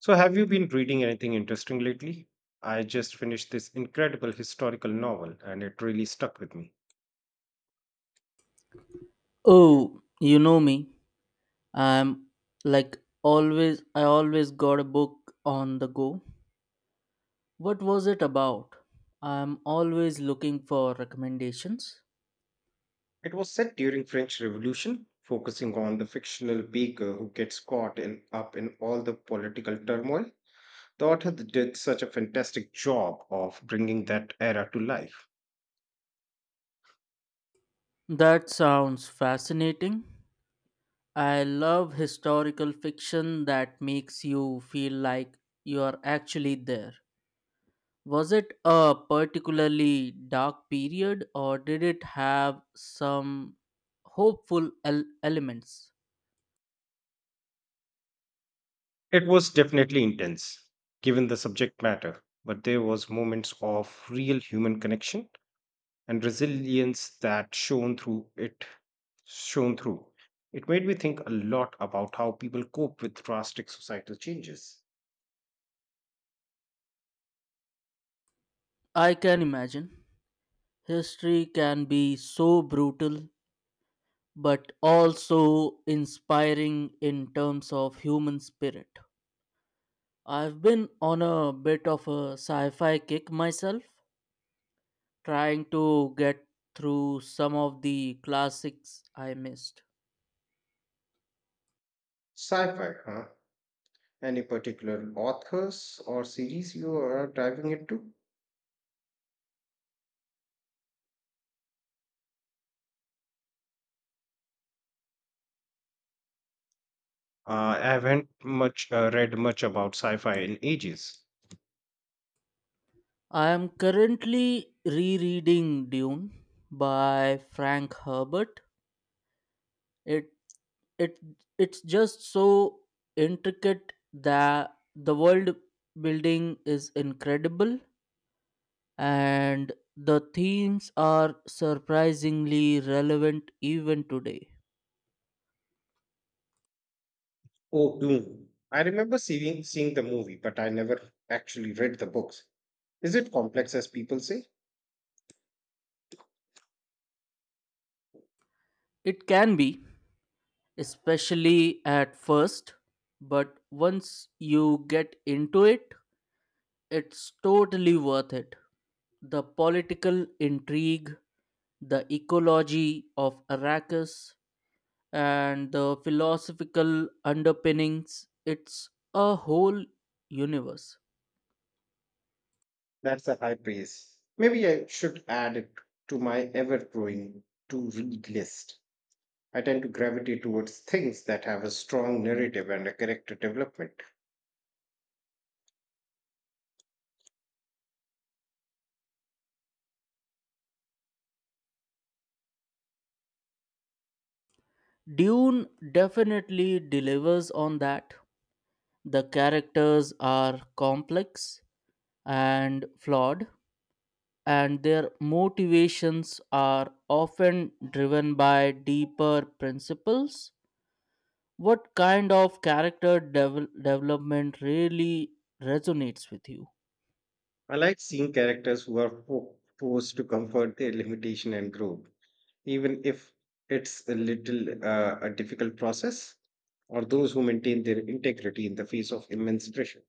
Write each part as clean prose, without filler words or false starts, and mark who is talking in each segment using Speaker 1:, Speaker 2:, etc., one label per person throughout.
Speaker 1: So, have you been reading anything interesting lately? I just finished this incredible historical novel and it really stuck with me.
Speaker 2: Oh, you know me. I'm like always, I always got a book on the go. What was it about? I'm always looking for recommendations.
Speaker 1: It was set during French Revolution, focusing on the fictional baker who gets up in all the political turmoil. The author did such a fantastic job of bringing that era to life.
Speaker 2: That sounds fascinating. I love historical fiction that makes you feel like you are actually there. Was it a particularly dark period or did it have some hopeful elements?
Speaker 1: It was definitely intense, given the subject matter, but there was moments of real human connection and resilience that shone through. It made me think a lot about how people cope with drastic societal changes.
Speaker 2: I can imagine. History can be so brutal, but also inspiring in terms of human spirit. I've been on a bit of a sci fi kick myself, trying to get through some of the classics I missed.
Speaker 1: Sci-fi, huh? Any particular authors or series you are diving into? I haven't much read much about sci-fi in ages.
Speaker 2: I am currently rereading Dune by Frank Herbert. It it it's just so intricate that the world building is incredible, and the themes are surprisingly relevant even today.
Speaker 1: Oh, Dune. I remember seeing the movie, but I never actually read the books. Is it complex as people say?
Speaker 2: It can be, especially at first, but once you get into it, it's totally worth it. The political intrigue, the ecology of Arrakis, and the philosophical underpinnings, it's a whole universe.
Speaker 1: That's a high praise. Maybe I should add it to my ever growing to read list. I tend to gravitate towards things that have a strong narrative and a character development.
Speaker 2: Dune definitely delivers on that. The characters are complex and flawed, and their motivations are often driven by deeper principles. What kind of character development really resonates with you?
Speaker 1: I like seeing characters who are forced to comfort their limitation and grow, even if it's a little a difficult process, or those who maintain their integrity in the face of immense pressure.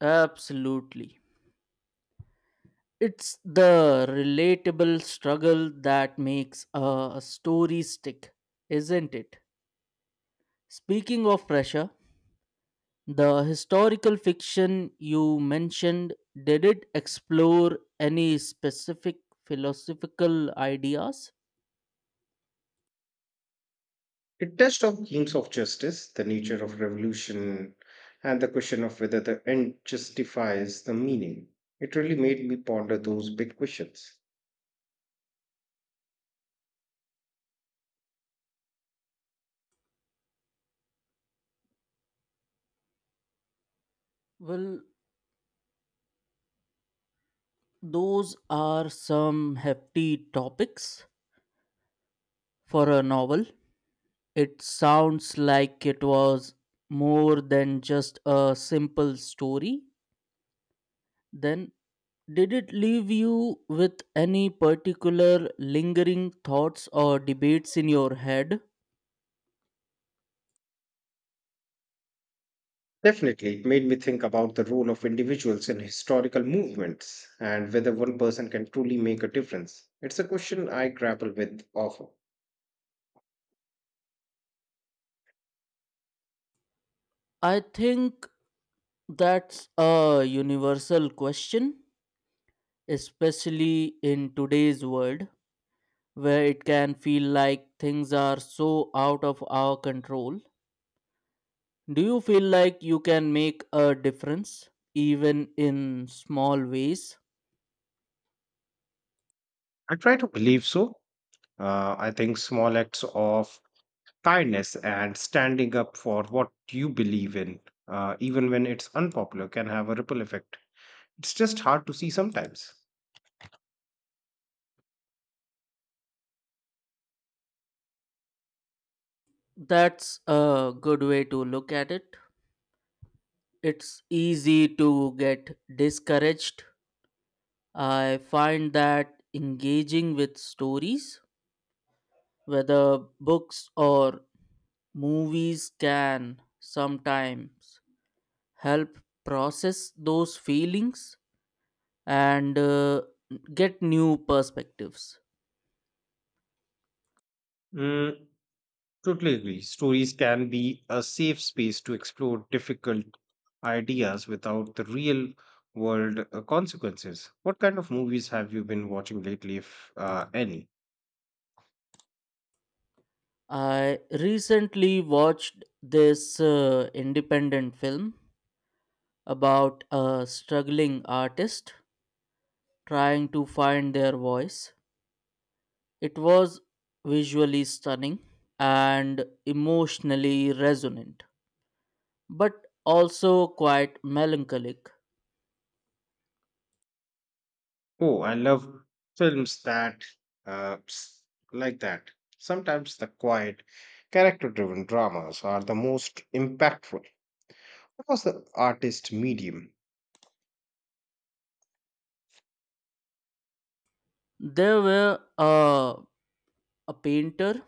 Speaker 2: Absolutely. It's the relatable struggle that makes a story stick, isn't it? Speaking of pressure, the historical fiction you mentioned, did it explore any specific philosophical ideas?
Speaker 1: It touched on themes of justice, the nature of revolution, and the question of whether the end justifies the meaning. It really made me ponder those big questions.
Speaker 2: Well, those are some hefty topics for a novel. It sounds like it was more than just a simple story. Then, did it leave you with any particular lingering thoughts or debates in your head?
Speaker 1: Definitely, it made me think about the role of individuals in historical movements and whether one person can truly make a difference. It's a question I grapple with often.
Speaker 2: I think that's a universal question, especially in today's world where it can feel like things are so out of our control. Do you feel like you can make a difference even in small ways?
Speaker 1: I try to believe so. I think small acts of kindness and standing up for what you believe in, even when it's unpopular, can have a ripple effect. It's just hard to see sometimes.
Speaker 2: That's a good way to look at it. It's easy to get discouraged. I find that engaging with stories, whether books or movies, can sometimes help process those feelings and get new perspectives.
Speaker 1: Mm, totally agree. Stories can be a safe space to explore difficult ideas without the real world consequences. What kind of movies have you been watching lately, if any?
Speaker 2: I recently watched this independent film about a struggling artist trying to find their voice. It was visually stunning and emotionally resonant, but also quite melancholic.
Speaker 1: Oh, I love films that uh, s- like that. Sometimes the quiet, character driven dramas are the most impactful. What was the artist medium?
Speaker 2: There were a painter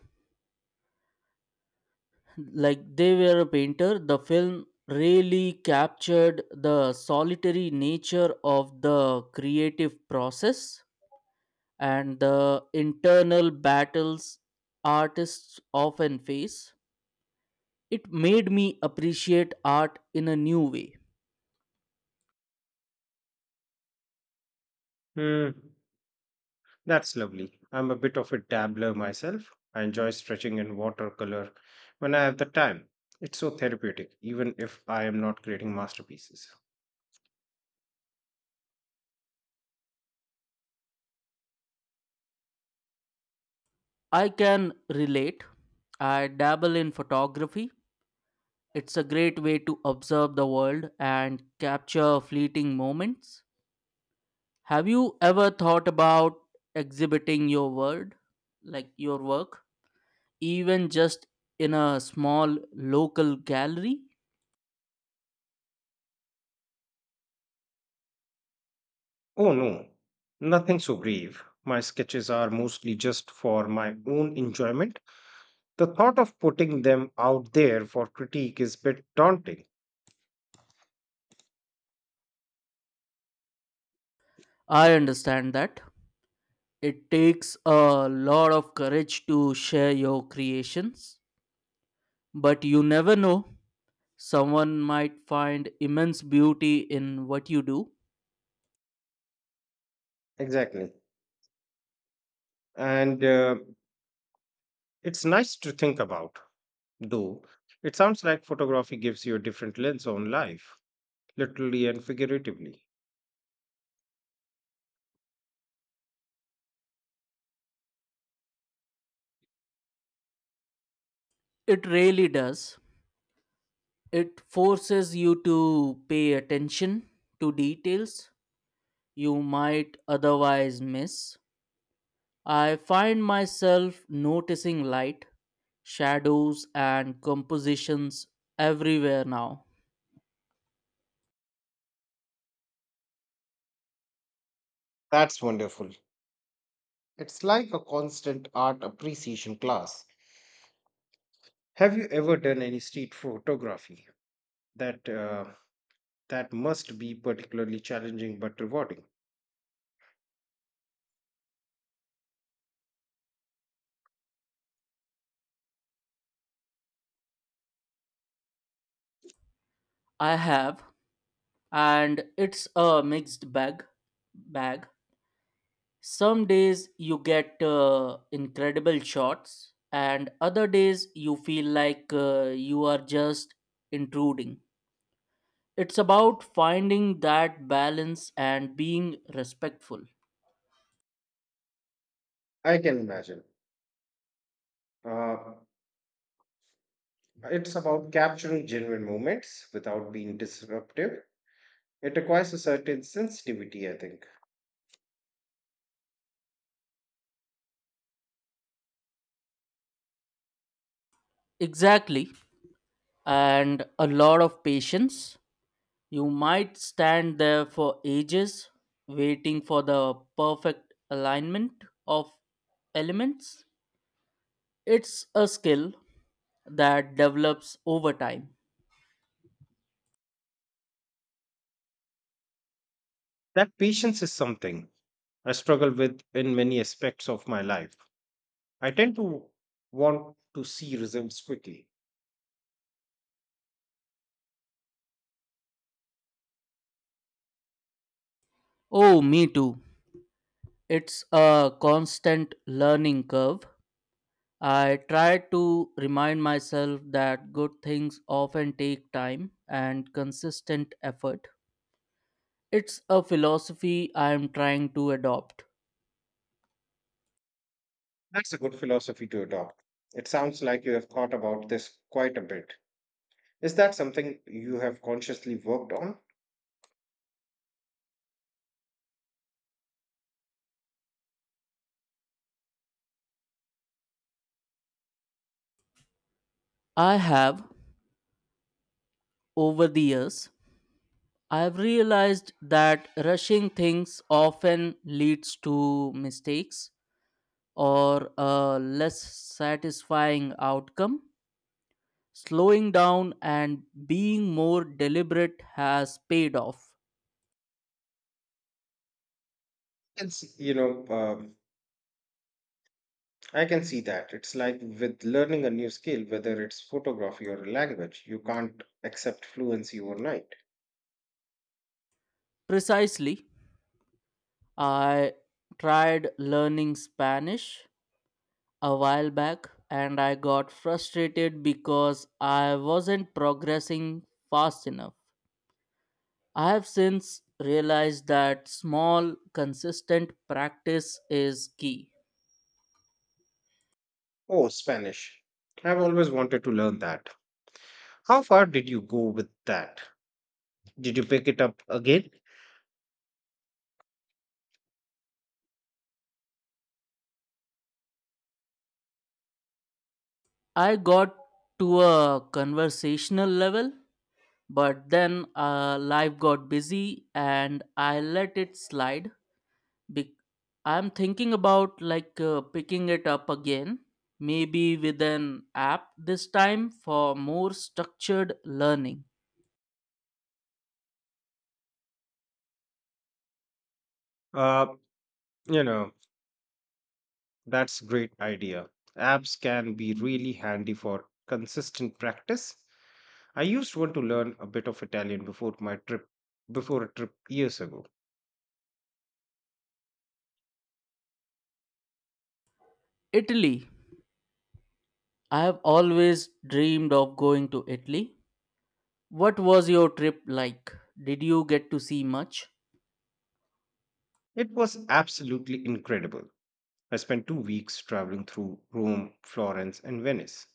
Speaker 2: like they were a painter. The film really captured the solitary nature of the creative process and the internal battles artists often face. It made me appreciate art in a new way.
Speaker 1: Hmm. That's lovely. I'm a bit of a dabbler myself. I enjoy stretching in watercolor when I have the time. It's so therapeutic, even if I am not creating masterpieces.
Speaker 2: I can relate. I dabble in photography. It's a great way to observe the world and capture fleeting moments. Have you ever thought about exhibiting your word, like your work, even just in a small local gallery?
Speaker 1: Oh no, nothing so grave. My sketches are mostly just for my own enjoyment. The thought of putting them out there for critique is a bit daunting.
Speaker 2: I understand that. It takes a lot of courage to share your creations, but you never know. Someone might find immense beauty in what you do.
Speaker 1: Exactly. And it's nice to think about, though. It sounds like photography gives you a different lens on life, literally and figuratively.
Speaker 2: It really does. It forces you to pay attention to details you might otherwise miss. I find myself noticing light, shadows, and compositions everywhere now.
Speaker 1: That's wonderful. It's like a constant art appreciation class. Have you ever done any street photography that uh, that must be particularly challenging but rewarding?
Speaker 2: I have, and it's a mixed bag. Some days you get incredible shots, and other days you feel like you are just intruding. It's about finding that balance and being respectful.
Speaker 1: I can imagine. Uh, it's about capturing genuine moments without being disruptive. It requires a certain sensitivity, I think.
Speaker 2: Exactly, and a lot of patience. You might stand there for ages waiting for the perfect alignment of elements. It's a skill that develops over time.
Speaker 1: That patience is something I struggle with in many aspects of my life. I tend to want to see results quickly.
Speaker 2: Oh, me too. It's a constant learning curve. I try to remind myself that good things often take time and consistent effort. It's a philosophy I am trying to adopt.
Speaker 1: That's a good philosophy to adopt. It sounds like you have thought about this quite a bit. Is that something you have consciously worked on?
Speaker 2: I have. Over the years, I've realized that rushing things often leads to mistakes or a less satisfying outcome. Slowing down and being more deliberate has paid off.
Speaker 1: Can see, you know, I can see that. It's like with learning a new skill, whether it's photography or a language, you can't accept fluency overnight.
Speaker 2: Precisely, I tried learning Spanish a while back and I got frustrated because I wasn't progressing fast enough. I have since realized that small, consistent practice is key.
Speaker 1: Oh, Spanish. I've always wanted to learn that. How far did you go with that? Did you pick it up again?
Speaker 2: I got to a conversational level, but then life got busy and I let it slide. Be- I'm thinking about picking it up again, maybe with an app this time for more structured learning.
Speaker 1: Uh, you know, That's great idea. Apps can be really handy for consistent practice. I used one to learn a bit of Italian before a trip years ago.
Speaker 2: Italy. I have always dreamed of going to Italy. What was your trip like? Did you get to see much?
Speaker 1: It was absolutely incredible. I spent 2 weeks traveling through Rome, Florence and Venice.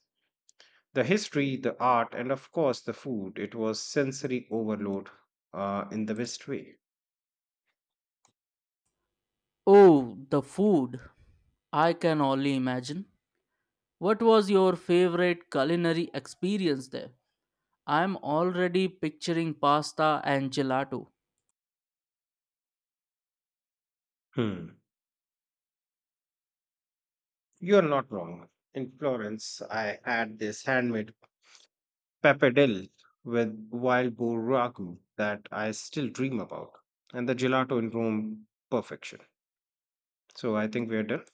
Speaker 1: The history, the art and of course the food, it was sensory overload in the best way.
Speaker 2: Oh, the food. I can only imagine. What was your favorite culinary experience there? I'm already picturing pasta and gelato.
Speaker 1: Hmm. You are not wrong. In Florence, I had this handmade pappardelle with wild boar ragu that I still dream about, and the gelato in Rome perfection. So I think we're done.